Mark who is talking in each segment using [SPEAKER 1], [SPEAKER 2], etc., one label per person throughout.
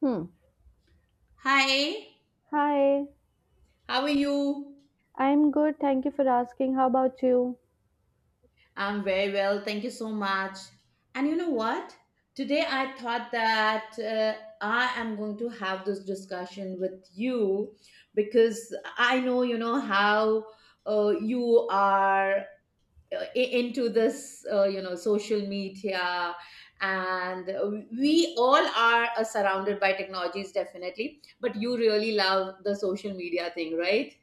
[SPEAKER 1] Hmm.
[SPEAKER 2] Hi,
[SPEAKER 1] Hi,
[SPEAKER 2] how are you?
[SPEAKER 1] I'm good. Thank you for asking. How about you?
[SPEAKER 2] I'm very well, thank you so much. And you know what? Today I thought that I am going to have this discussion with you, because I know you know how you are, into this social media. And we all are surrounded by technologies, definitely, but you really love the social media thing, right?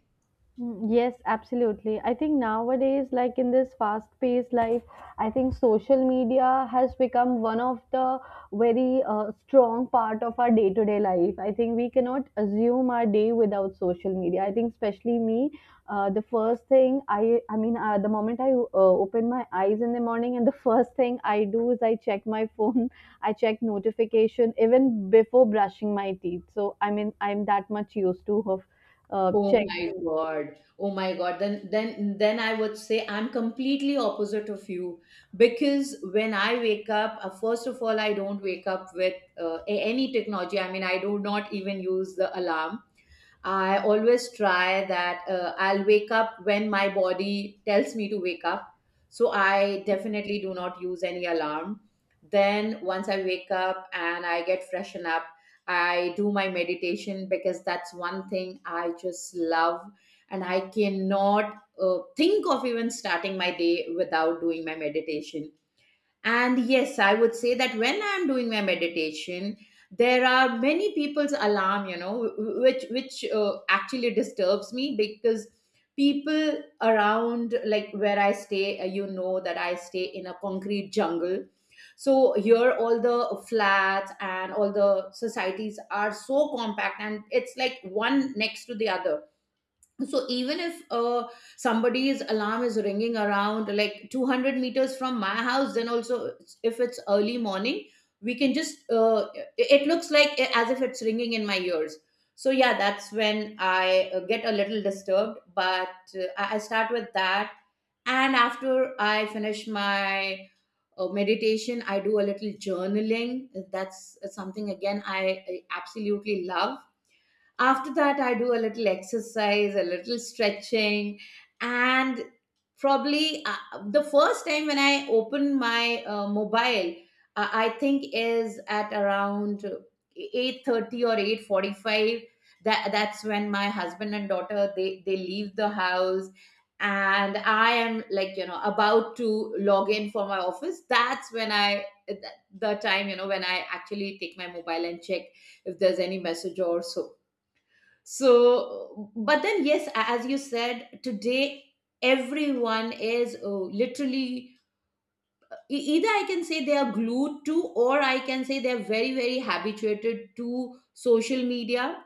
[SPEAKER 1] Mm, yes, absolutely. I think nowadays, like in this fast-paced life, I think social media has become one of the very strong part of our day-to-day life. I think we cannot assume our day without social media. I think, especially me, the first thing the moment I open my eyes in the morning, and the first thing I do is I check my phone. I check notification even before brushing my teeth. So I mean, I'm that much used to of
[SPEAKER 2] Oh
[SPEAKER 1] check
[SPEAKER 2] my God. Oh my God. Then I would say I'm completely opposite of you, because when I wake up, first of all, I don't wake up with any technology. I mean, I do not even use the alarm. I always try that I'll wake up when my body tells me to wake up. So I definitely do not use any alarm. Then once I wake up and I get freshen up, I do my meditation, because that's one thing I just love, and I cannot think of even starting my day without doing my meditation. And yes, I would say that when I'm doing my meditation, there are many people's alarm, you know, which actually disturbs me, because people around like where I stay, you know that I stay in a concrete jungle. So here all the flats and all the societies are so compact, and it's like one next to the other. So even if somebody's alarm is ringing around like 200 meters from my house, then also, if it's early morning, we can just it it looks like as if it's ringing in my ears. So yeah, that's when I get a little disturbed, but I start with that. And after I finish my meditation, I do a little journaling. That's something again I absolutely love. After that, I do a little exercise, a little stretching, and probably the first time when I open my mobile, I think, is at around 8:30 or 8:45. That's when my husband and daughter they leave the house, and I am like, you know, about to log in for my office. That's when I, the time, you know, when I actually take my mobile and check if there's any message or so. So but then yes, as you said, today everyone is, oh, literally either I can say they are glued to, or I can say they're very very habituated to social media.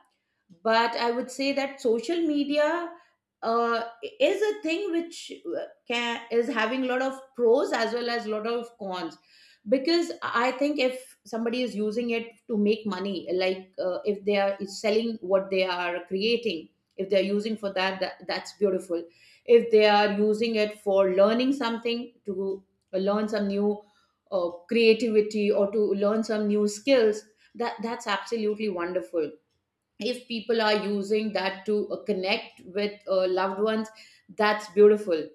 [SPEAKER 2] But I would say that social media uh, is a thing which can, is having a lot of pros as well as a lot of cons. Because I think if somebody is using it to make money, like if they are selling what they are creating, if they are using for that, that's beautiful. If they are using it for learning something, to learn some new creativity, or to learn some new skills, that's absolutely wonderful. If people are using that to connect with loved ones, that's beautiful.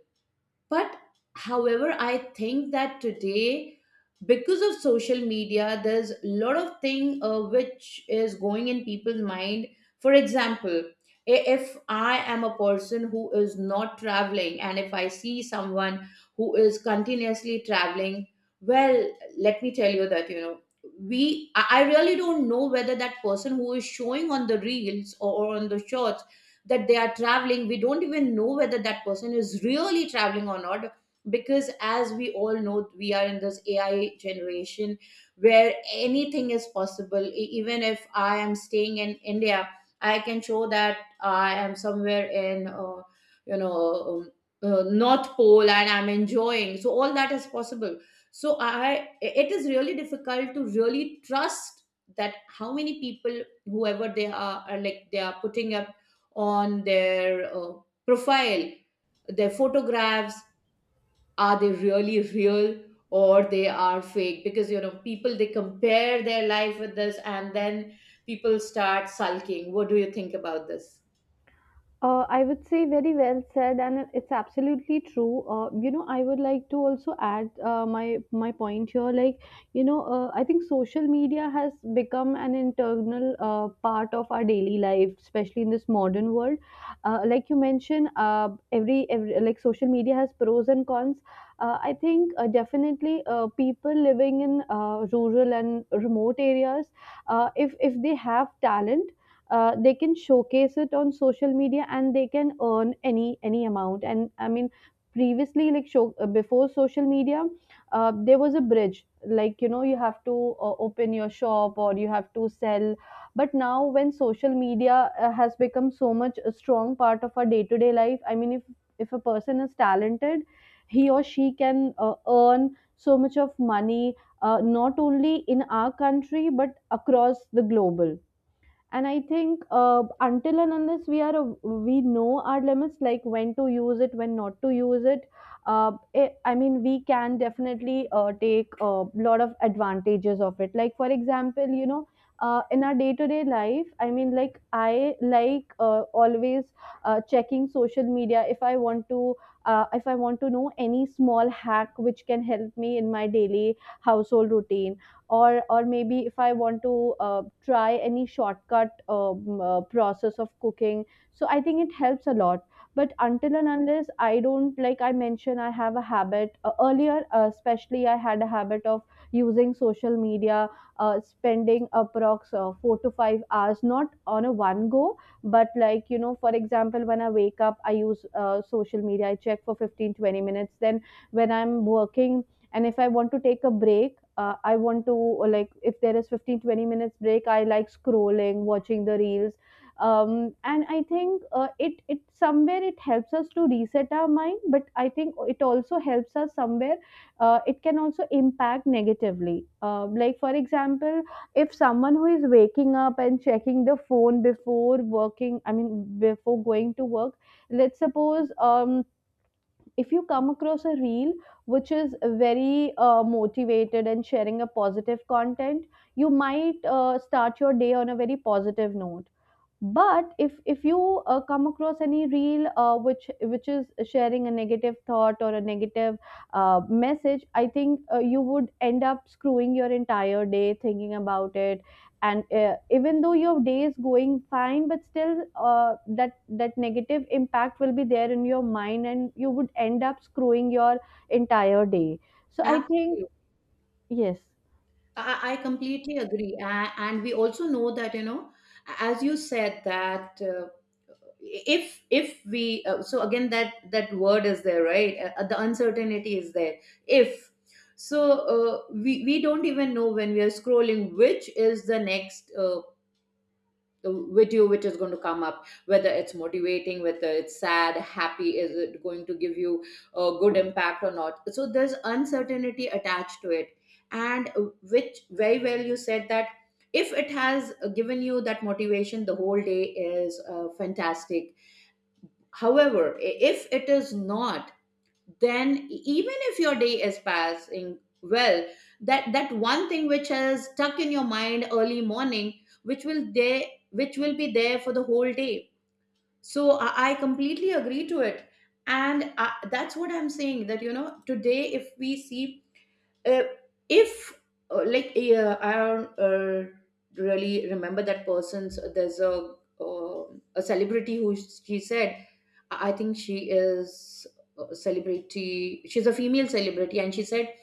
[SPEAKER 2] But however, I think that today, because of social media, there's a lot of thing which is going in people's mind. For example, if I am a person who is not traveling, and if I see someone who is continuously traveling, well, let me tell you that, you know we. I really don't know whether that person who is showing on the reels or on the shorts that they are traveling. We don't even know whether that person is really traveling or not, because as we all know, we are in this AI generation where anything is possible. Even if I am staying in India, I can show that I am somewhere in, you know um, North Pole, and I'm enjoying. So all that is possible. So I it is really difficult to really trust that how many people, whoever they are like they are putting up on their profile, their photographs. Are they really real, or they are fake? Because you know people, they compare their life with this, and then people start sulking. What do you think about this?
[SPEAKER 1] I would say very well said, and it's absolutely true. I would like to also add my point here. I think social media has become an internal part of our daily life, especially in this modern world. Like you mentioned, every like social media has pros and cons. I think definitely people living in rural and remote areas, if they have talent, they can showcase it on social media, and they can earn any amount. And I mean, previously like show before social media, there was a bridge. Like, you know, you have to open your shop or you have to sell. But now when social media has become so much a strong part of our day to day life, I mean, if a person is talented, he or she can earn so much of money, not only in our country but across the global. And I think until and unless we know our limits, like when to use it, when not to use it, uh, I mean, we can definitely take a lot of advantages of it. Like, for example, you know, in our day to day life, I mean, like I like always checking social media. If I want to if I want to know any small hack which can help me in my daily household routine, or maybe if I want to try any shortcut process of cooking, so I think it helps a lot. But until and unless I don't, like I mentioned, I have a habit earlier, especially I had a habit of using social media, spending approx 4 to 5 hours, not on a one go, but like, you know, for example, when I wake up, I use social media, I check for 15, 20 minutes. Then when I'm working, and if I want to take a break, I want to, like if there is 15, 20 minutes break, I like scrolling, watching the reels. And I think it somewhere it helps us to reset our mind. But I think it also helps us somewhere, it can also impact negatively. Like for example, if someone who is waking up and checking the phone before working, I mean before going to work, let's suppose, if you come across a reel which is very motivated and sharing a positive content, you might start your day on a very positive note. But if you come across any reel which is sharing a negative thought or a negative message, I think you would end up screwing your entire day thinking about it. And even though your day is going fine, but still that negative impact will be there in your mind, and you would end up screwing your entire day. So I think
[SPEAKER 2] Absolutely.
[SPEAKER 1] yes.
[SPEAKER 2] I completely agree. And we also know that, you know, as you said, that if we, so again, that word is there, right? The uncertainty is there, if so we don't even know when we are scrolling which is the next video which is going to come up, whether it's motivating, whether it's sad, happy, is it going to give you a good impact or not. So there's uncertainty attached to it. And which very well you said, that if it has given you that motivation, the whole day is fantastic. However, if it is not, then even if your day is passing well, that one thing which has stuck in your mind early morning, which will there, which will be there for the whole day. So I completely agree to it, and I, that's what I'm saying. That you know, today if we see, uh, if like, yeah, I don't really remember that person's. There's a, uh, a celebrity, who she said, I think she is a celebrity. She's a female celebrity, and she said,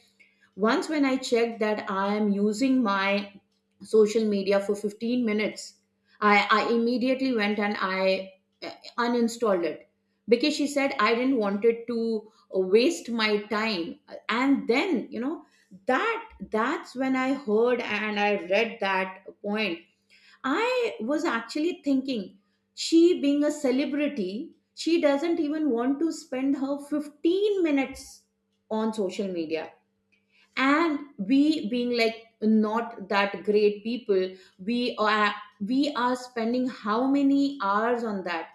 [SPEAKER 2] once when I checked that I am using my social media for 15 minutes, I immediately went and I uh, uninstalled it, because she said I didn't want it to waste my time. And then, you know, that's when I heard and I read that point. I was actually thinking, she being a celebrity, she doesn't even want to spend her 15 minutes on social media, and we, being like not that great people, we are, we are spending how many hours on that?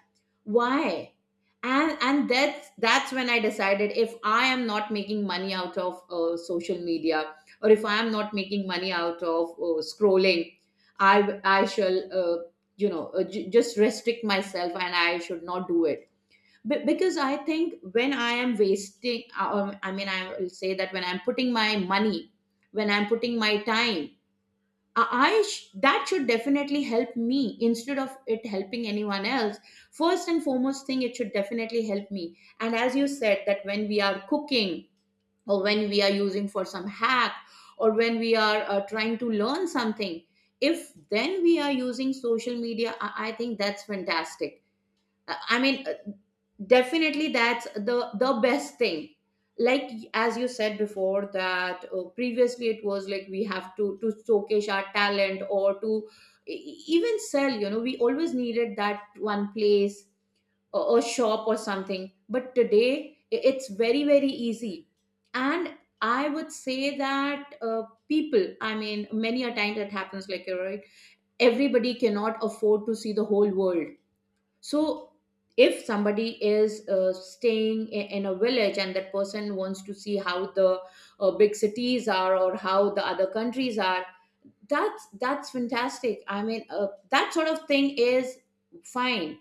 [SPEAKER 2] Why? And that's when I decided, if I am not making money out of social media, or if I am not making money out of scrolling, I shall just restrict myself, and I should not do it. Because I think when I am wasting, I mean, I will say that, when I'm putting my money, when I'm putting my time, that should definitely help me, instead of it helping anyone else. First and foremost thing, it should definitely help me. And as you said, that when we are cooking, or when we are using for some hack, or when we are trying to learn something, if then we are using social media, I think that's fantastic. I mean, definitely that's the best thing. Like as you said before, that previously it was like we have to showcase our talent, or to even sell. You know, we always needed that one place or a shop or something. But today it's very very easy. And I would say that people, I mean, many a time that happens. Like, you're right, everybody cannot afford to see the whole world. So if somebody is staying in a village, and that person wants to see how the big cities are, or how the other countries are, that's fantastic. I mean, that sort of thing is fine.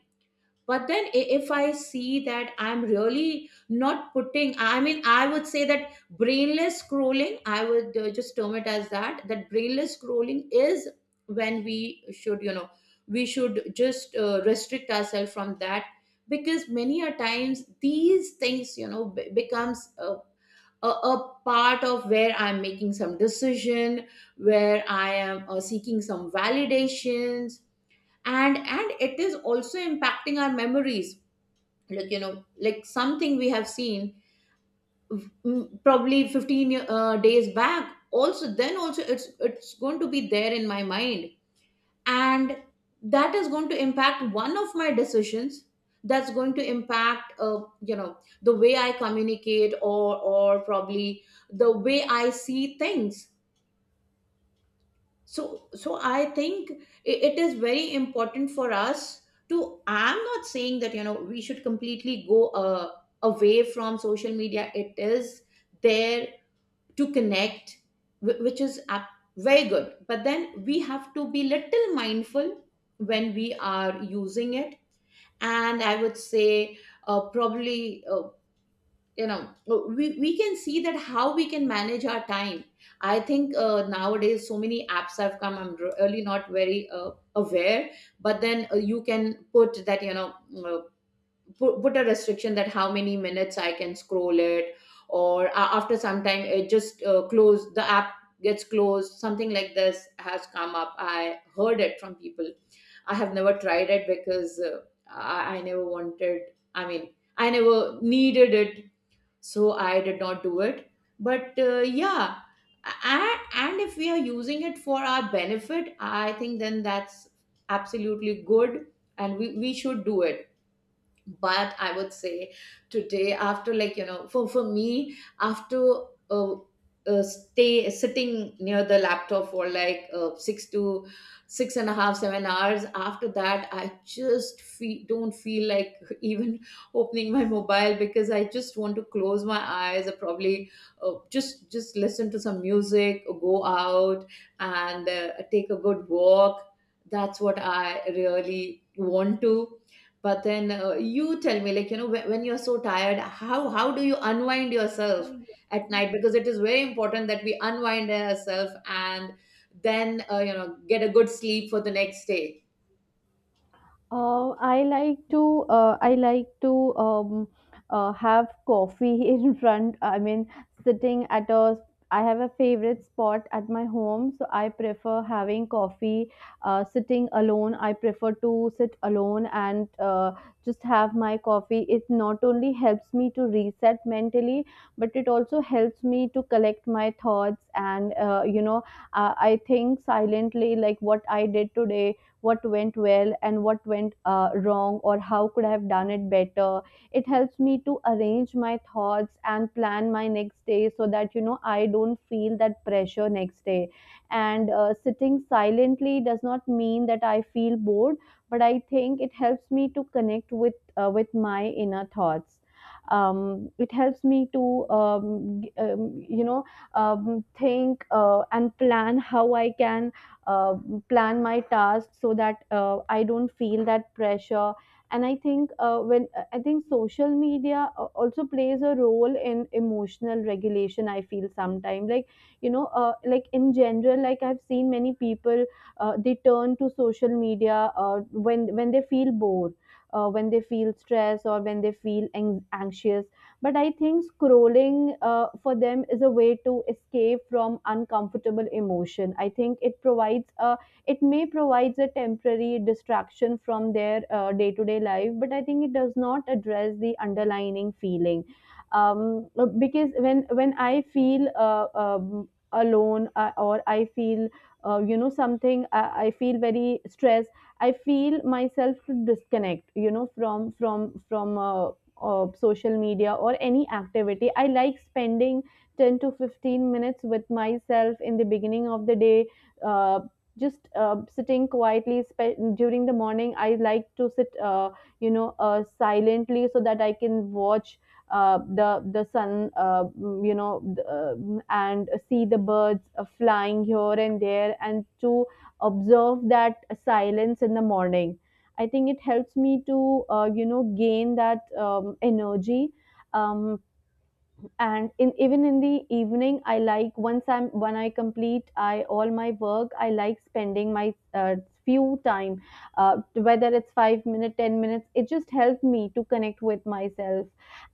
[SPEAKER 2] But then if I see that I'm really not putting, I mean, I would say that, brainless scrolling, I would just term it as that. Brainless scrolling is when we should, you know, we should just restrict ourselves from that, because many a times, these things, becomes a part of where I'm making some decision, where I am seeking some validations. And it is also impacting our memories. Like, you know, like something we have seen, probably 15 year- days back, also then also it's going to be there in my mind, and that is going to impact one of my decisions. That's going to impact, you know, the way I communicate, or probably the way I see things. So I think it is very important for us to. I'm not saying that, we should completely go away from social media. It is there to connect, which is, very good. But then we have to be little mindful when we are using it. And I would say probably we can see that how we can manage our time. I think nowadays so many apps have come, I'm really not very aware. But then you can put that, you know, uh, put a restriction that how many minutes I can scroll it, or after some time it just close the app, gets closed, something like this has come up. I heard it from people. I have never tried it because I never wanted, i mean I never needed it, so I did not do it. But yeah. And if we are using it for our benefit, I think then that's absolutely good, and we should do it. But I would say today after like you know for me after uh, stay sitting near the laptop for like six to six and a half 7 hours, after that I just don't feel like even opening my mobile because I just want to close my eyes, or probably just listen to some music or go out and take a good walk. That's what I really want to. But then you tell me, like you know, when you're so tired, how do you unwind yourself at night? Because it is very important that we unwind ourselves and then, get a good sleep for the next day.
[SPEAKER 1] I like to have coffee in front. I mean, sitting at a, I have a favorite spot at my home, so I prefer having coffee. Sitting alone, I prefer to sit alone and just have my coffee. It not only helps me to reset mentally, but it also helps me to collect my thoughts. And I think silently, like what I did today, what went well and what went wrong, or how could I have done it better. It helps me to arrange my thoughts and plan my next day so that, you know, I don't feel that pressure next day. And sitting silently does not mean that I feel bored, but I think it helps me to connect with my inner thoughts. It helps me to um, g- um, you know think and plan how I can uh, plan my tasks so that I don't feel that pressure. And I think social media also plays a role in emotional regulation. I feel sometimes, like, you know, like in general, like I've seen many people they turn to social media when they feel bored. When they feel stress, or when they feel anxious. But I think scrolling for them is a way to escape from uncomfortable emotion. I think it provides a, it may provides a temporary distraction from their day to day life, but I think it does not address the underlying feeling. Um, because when I feel alone, or I feel you know something, I feel very stressed. I feel myself to disconnect, you know, from social media or any activity. I like spending 10 to 15 minutes with myself in the beginning of the day. Uh, just Sitting quietly, during the morning I like to sit, silently, so that I can watch the sun, and see the birds flying here and there, and to observe that silence in the morning. I think it helps me to, you know, gain that energy. Um, and in even in the evening, I like once I'm when I complete I all my work, I like spending my few time, whether it's 5 minutes, 10 minutes, it just helps me to connect with myself.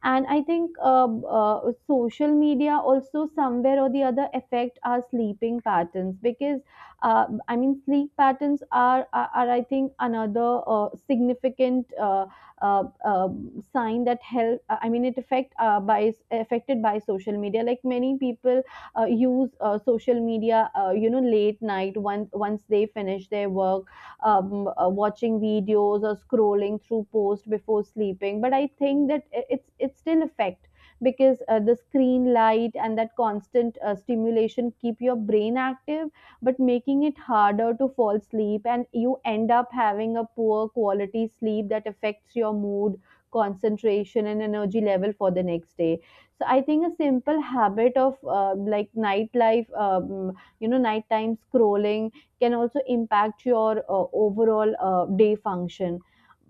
[SPEAKER 1] And I think social media also somewhere or the other affect our sleeping patterns. Because I mean, sleep patterns are I think another significant sign that help, I mean, it affect by affected by social media. Like many people use social media you know late night, once they finish their work, watching videos or scrolling through post before sleeping. But I think that it's still affect, because the screen light and that constant stimulation keep your brain active, but making it harder to fall asleep, and you end up having a poor quality sleep that affects your mood, concentration, and energy level for the next day. So I think a simple habit of, like nightlife, you know, nighttime scrolling can also impact your overall day function.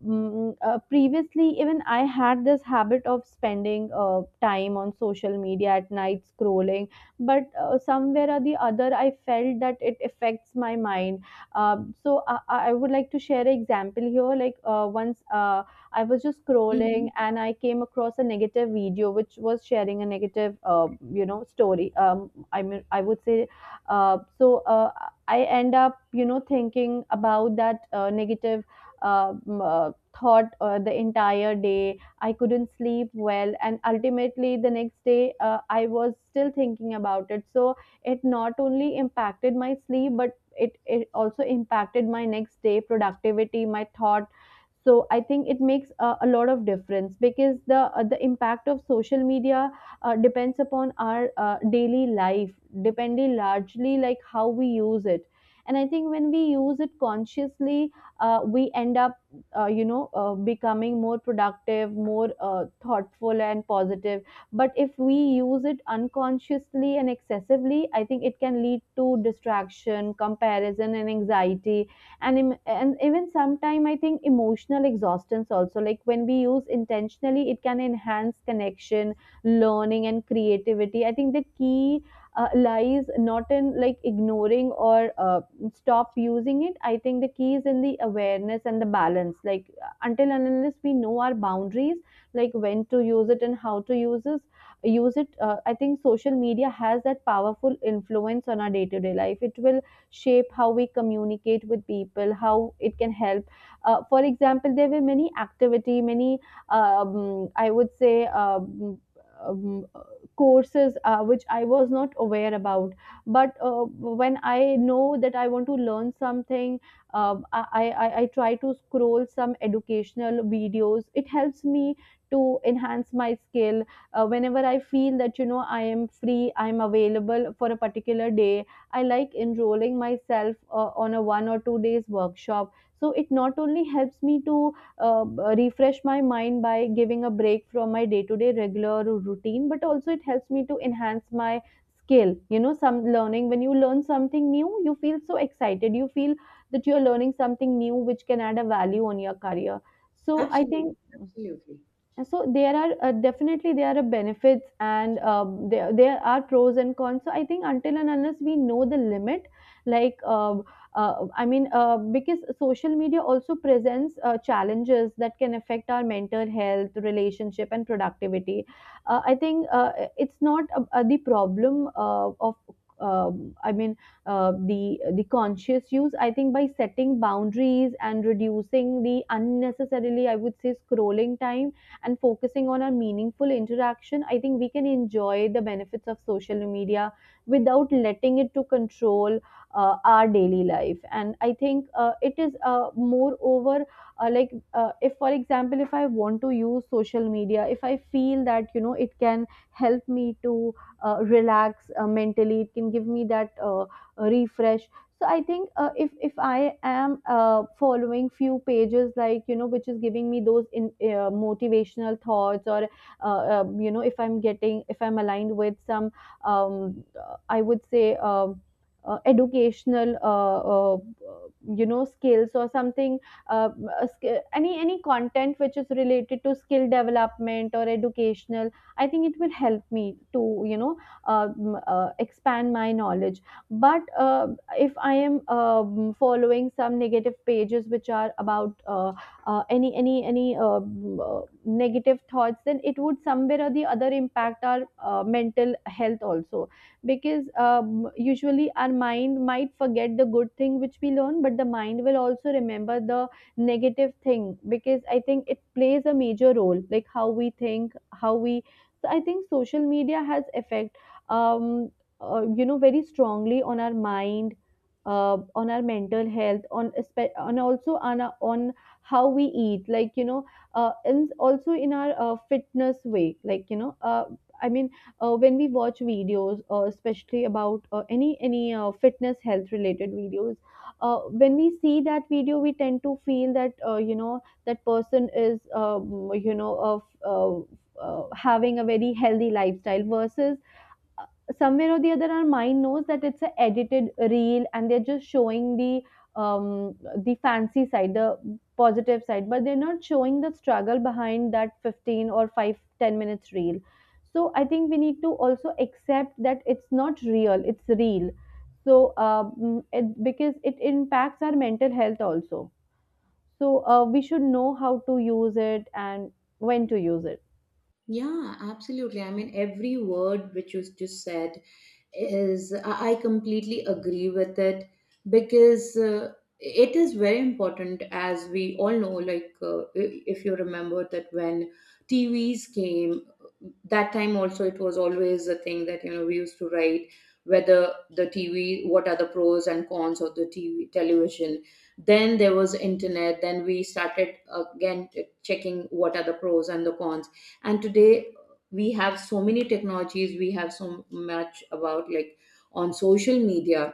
[SPEAKER 1] Mm, previously even I had this habit of spending time on social media at night scrolling. But somewhere or the other I felt that it affects my mind. So I would like to share an example here. Like once, I was just scrolling
[SPEAKER 2] Mhm.
[SPEAKER 1] and I came across a negative video which was sharing a negative, you know, story. I mean, I would say, uh, so uh, I end up, you know, thinking about that negative um, uh, thought the entire day. I couldn't sleep well, and ultimately the next day I was still thinking about it. So it not only impacted my sleep, but it also impacted my next day productivity, my thought. So I think it makes a lot of difference. Because the impact of social media depends upon our daily life, depending largely like how we use it. And I think when we use it consciously, we end up becoming more productive, more thoughtful and positive. But if we use it unconsciously and excessively, I think it can lead to distraction, comparison and anxiety, and even sometime I think emotional exhaustion also. Like, when we use intentionally, it can enhance connection, learning and creativity. I think the key lies not in like ignoring or stop using it. I think the key is in the awareness and the balance. Like, until and unless we know our boundaries, like when to use it and how to use it, use it, I think social media has that powerful influence on our day to day life. It will shape how we communicate with people, how it can help. For example, there were many activity, many I would say, um, courses which I was not aware about. But when I know that I want to learn something, I try to scroll some educational videos. It helps me to enhance my skill. Whenever I feel that, you know, I am free, I am available for a particular day, I like enrolling myself on a 1 or 2 days workshop. So it not only helps me to refresh my mind by giving a break from my day to day regular routine, but also it helps me to enhance my skill. You know, some learning, when you learn something new, you feel so excited, you feel that you're learning something new which can add a value on your career. So I
[SPEAKER 2] Absolutely.
[SPEAKER 1] think.
[SPEAKER 2] Absolutely.
[SPEAKER 1] And so there are, definitely there are benefits, and there are pros and cons. So I think until and unless we know the limit, like, I mean, because social media also presents challenges that can affect our mental health, relationship, and productivity. I think it's not the problem of. I mean, the conscious use. I think by setting boundaries and reducing the unnecessarily, I would say, scrolling time, and focusing on a meaningful interaction, I think we can enjoy the benefits of social media without letting it to control our daily life. And I think it is, moreover, if for example, if I want to use social media, if I feel that, you know, it can help me to relax mentally, it can give me that refresh. So I think, if I am following few pages, like, you know, which is giving me those motivational thoughts, or if I'm getting, if I'm aligned with some I would say, educational, skills or something, uh, any content which is related to skill development or educational, I think it will help me to you know expand my knowledge. But if I am following some negative pages which are about any negative thoughts, then it would somewhere or the other impact our mental health also. Because usually our mind might forget the good thing which we learn, but the mind will also remember the negative thing, because I think it plays a major role, like how we think, how we. So I think social media has effect, um very strongly on our mind, on our mental health, on on also on our, on how we eat, like, and also in our fitness way, like, I mean, when we watch videos, especially about any fitness health related videos. When we see that video, we tend to feel that, that person is of having a very healthy lifestyle. Versus, somewhere or the other, our mind knows that it's a edited reel and they're just showing um the fancy side, the positive side, but they're not showing the struggle behind that 15 or 5 10 minutes reel. So I think we need to also accept that it's not real, it's real. So because it impacts our mental health also. So we should know how to use it, and when to use it.
[SPEAKER 2] Yeah, absolutely. Every word which you just said is, I completely agree with it. Because it is very important, as we all know. Like, if you remember that when TVs came, that time also it was always a thing that you know we used to write whether the TV, what are the pros and cons of the TV, television. Then there was internet. Then we started again checking what are the pros and the cons. And today we have so many technologies, we have so much about, like, on social media.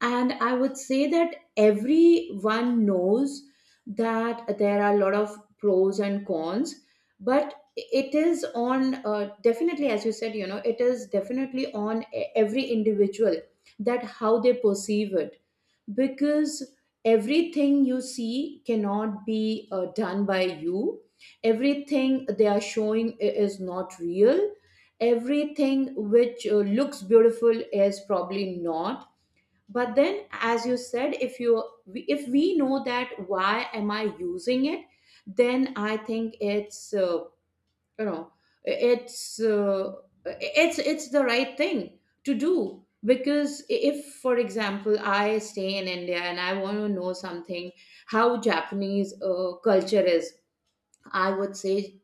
[SPEAKER 2] And I would say that everyone knows that there are a lot of pros and cons, but it is on, definitely, as you said, you know it is definitely on every individual that how they perceive it. Because everything you see cannot be done by you, everything they are showing is not real, everything which looks beautiful is probably not. But then, as you said, if we know that why am I using it, then I think you know it's uh, it's the right thing to do. Because if for example I stay in India and I want to know something, how Japanese culture is, I would say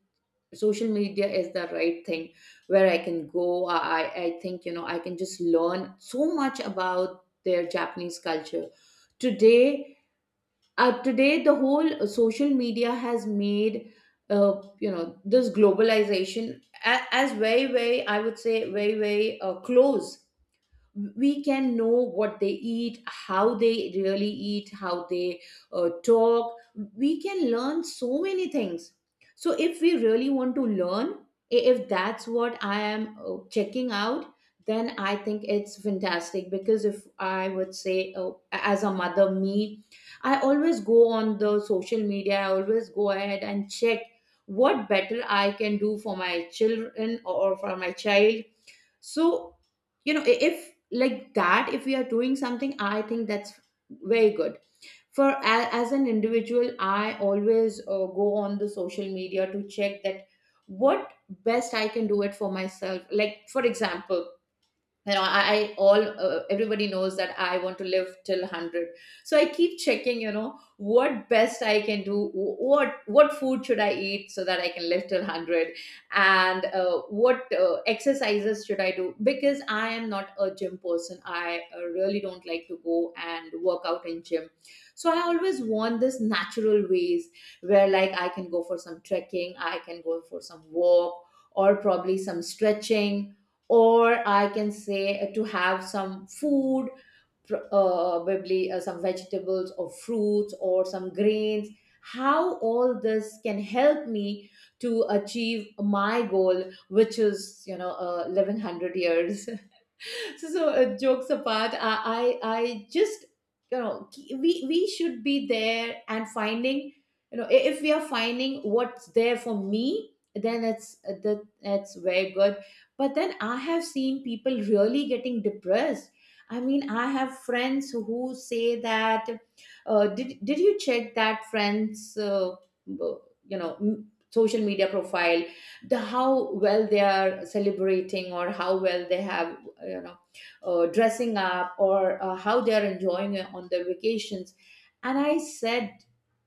[SPEAKER 2] social media is the right thing where I can go. I think, you know, I can just learn so much about their Japanese culture today. Today the whole social media has made, this globalization as very very, I would say, very very close. We can know what they eat, how they really eat, how they talk. We can learn so many things. So if we really want to learn, if that's what I am checking out, then I think it's fantastic. Because if I would say as a mother, me, I always go on the social media, I always go ahead and check what better I can do for my children or for my child. So, you know, if like that, if we are doing something, I think that's very good. For as an individual, I always go on the social media to check that what best I can do it for myself. Like, for example, you know, I all, everybody knows that I want to live till 100. So I keep checking, you know, what best I can do, what food should I eat so that I can live till 100. And what exercises should I do, because I am not a gym person. I really don't like to go and work out in gym. So I always want this natural ways, where like I can go for some trekking, I can go for some walk, or probably some stretching, or I can say, to have some food, probably some vegetables or fruits or some grains. How all this can help me to achieve my goal, which is, you know, living 100 years. So, so jokes apart, I just, you know, we should be there and finding, you know, if we are finding what's there for me, then it's that that's very good. But then I have seen people really getting depressed. I mean, I have friends who say that, did you check that friend's uh, social media profile? The how well they are celebrating, or how well they have, you know, dressing up, or how they are enjoying it on their vacations. And I said,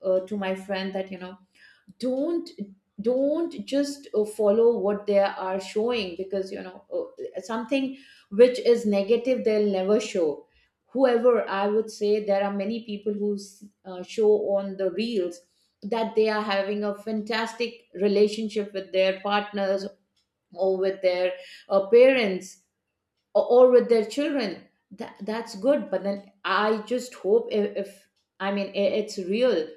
[SPEAKER 2] to my friend that, you know, don't don't just follow what they are showing. Because, you know, something which is negative they'll never show. Whoever, I would say, there are many people who show on the reels that they are having a fantastic relationship with their partners, or with their parents, or with their children. That that's good, but then I just hope if I mean I- it's real.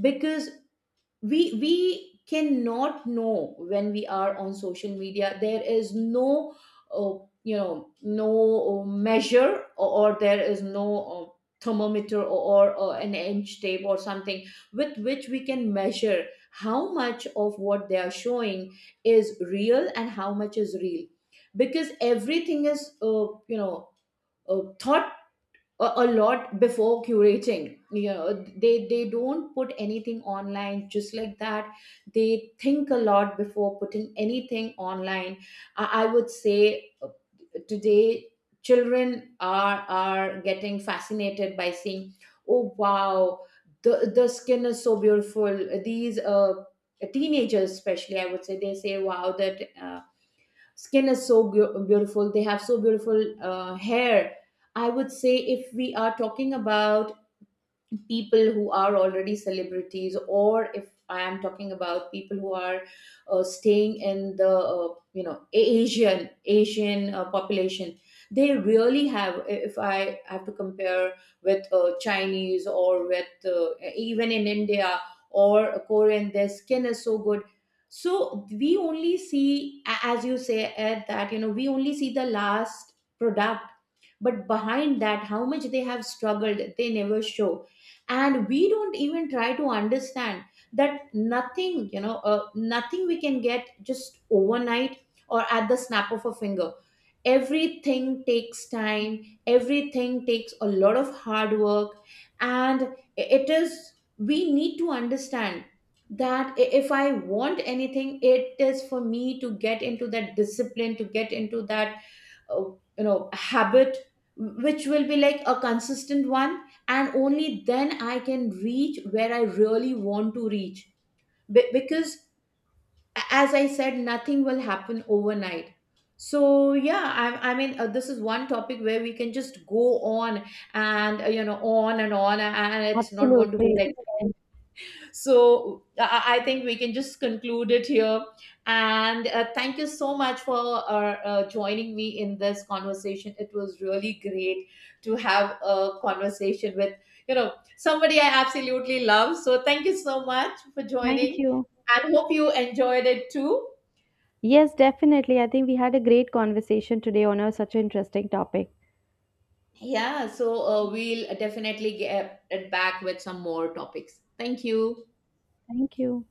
[SPEAKER 2] Because we cannot know when we are on social media there is no uh, no measure, or there is no uh, thermometer, or an inch tape or something with which we can measure how much of what they are showing is real and how much is real. Because everything is, thought a lot before curating, you know. They don't put anything online just like that. They think a lot before putting anything online. I would say today children are getting fascinated by seeing, oh wow, the skin is so beautiful. These teenagers especially, I would say, they say, wow, that skin is so beautiful, they have so beautiful hair. I would say if we are talking about people who are already celebrities, or if I am talking about people who are staying in the, Asian, Asian population, they really have, if I have to compare with Chinese, or with even in India, or Korean, their skin is so good. So we only see, as you say, Ed, that you know we only see the last product. But behind that how much they have struggled they never show. And we don't even try to understand that nothing, you know, nothing we can get just overnight, or at the snap of a finger. Everything takes time, everything takes a lot of hard work. And it is, we need to understand that, if I want anything, it is for me to get into that discipline, to get into that uh, habit which will be like a consistent one. And only then I can reach where I really want to reach. Because, as I said, nothing will happen overnight. So yeah, I mean, this is one topic where we can just go on and, on and on, and it's not going to be
[SPEAKER 1] Absolutely.
[SPEAKER 2] like, so I think we can just conclude it here. And thank you so much for joining me in this conversation. It was really great to have a conversation with, you know, somebody I absolutely love. So thank you so much for
[SPEAKER 1] Thank
[SPEAKER 2] joining,
[SPEAKER 1] you.
[SPEAKER 2] and hope you enjoyed it too.
[SPEAKER 1] Yes, definitely. I think we had a great conversation today on a, such an interesting topic.
[SPEAKER 2] Yeah. So we'll definitely get it back with some more topics. Thank you.
[SPEAKER 1] Thank you.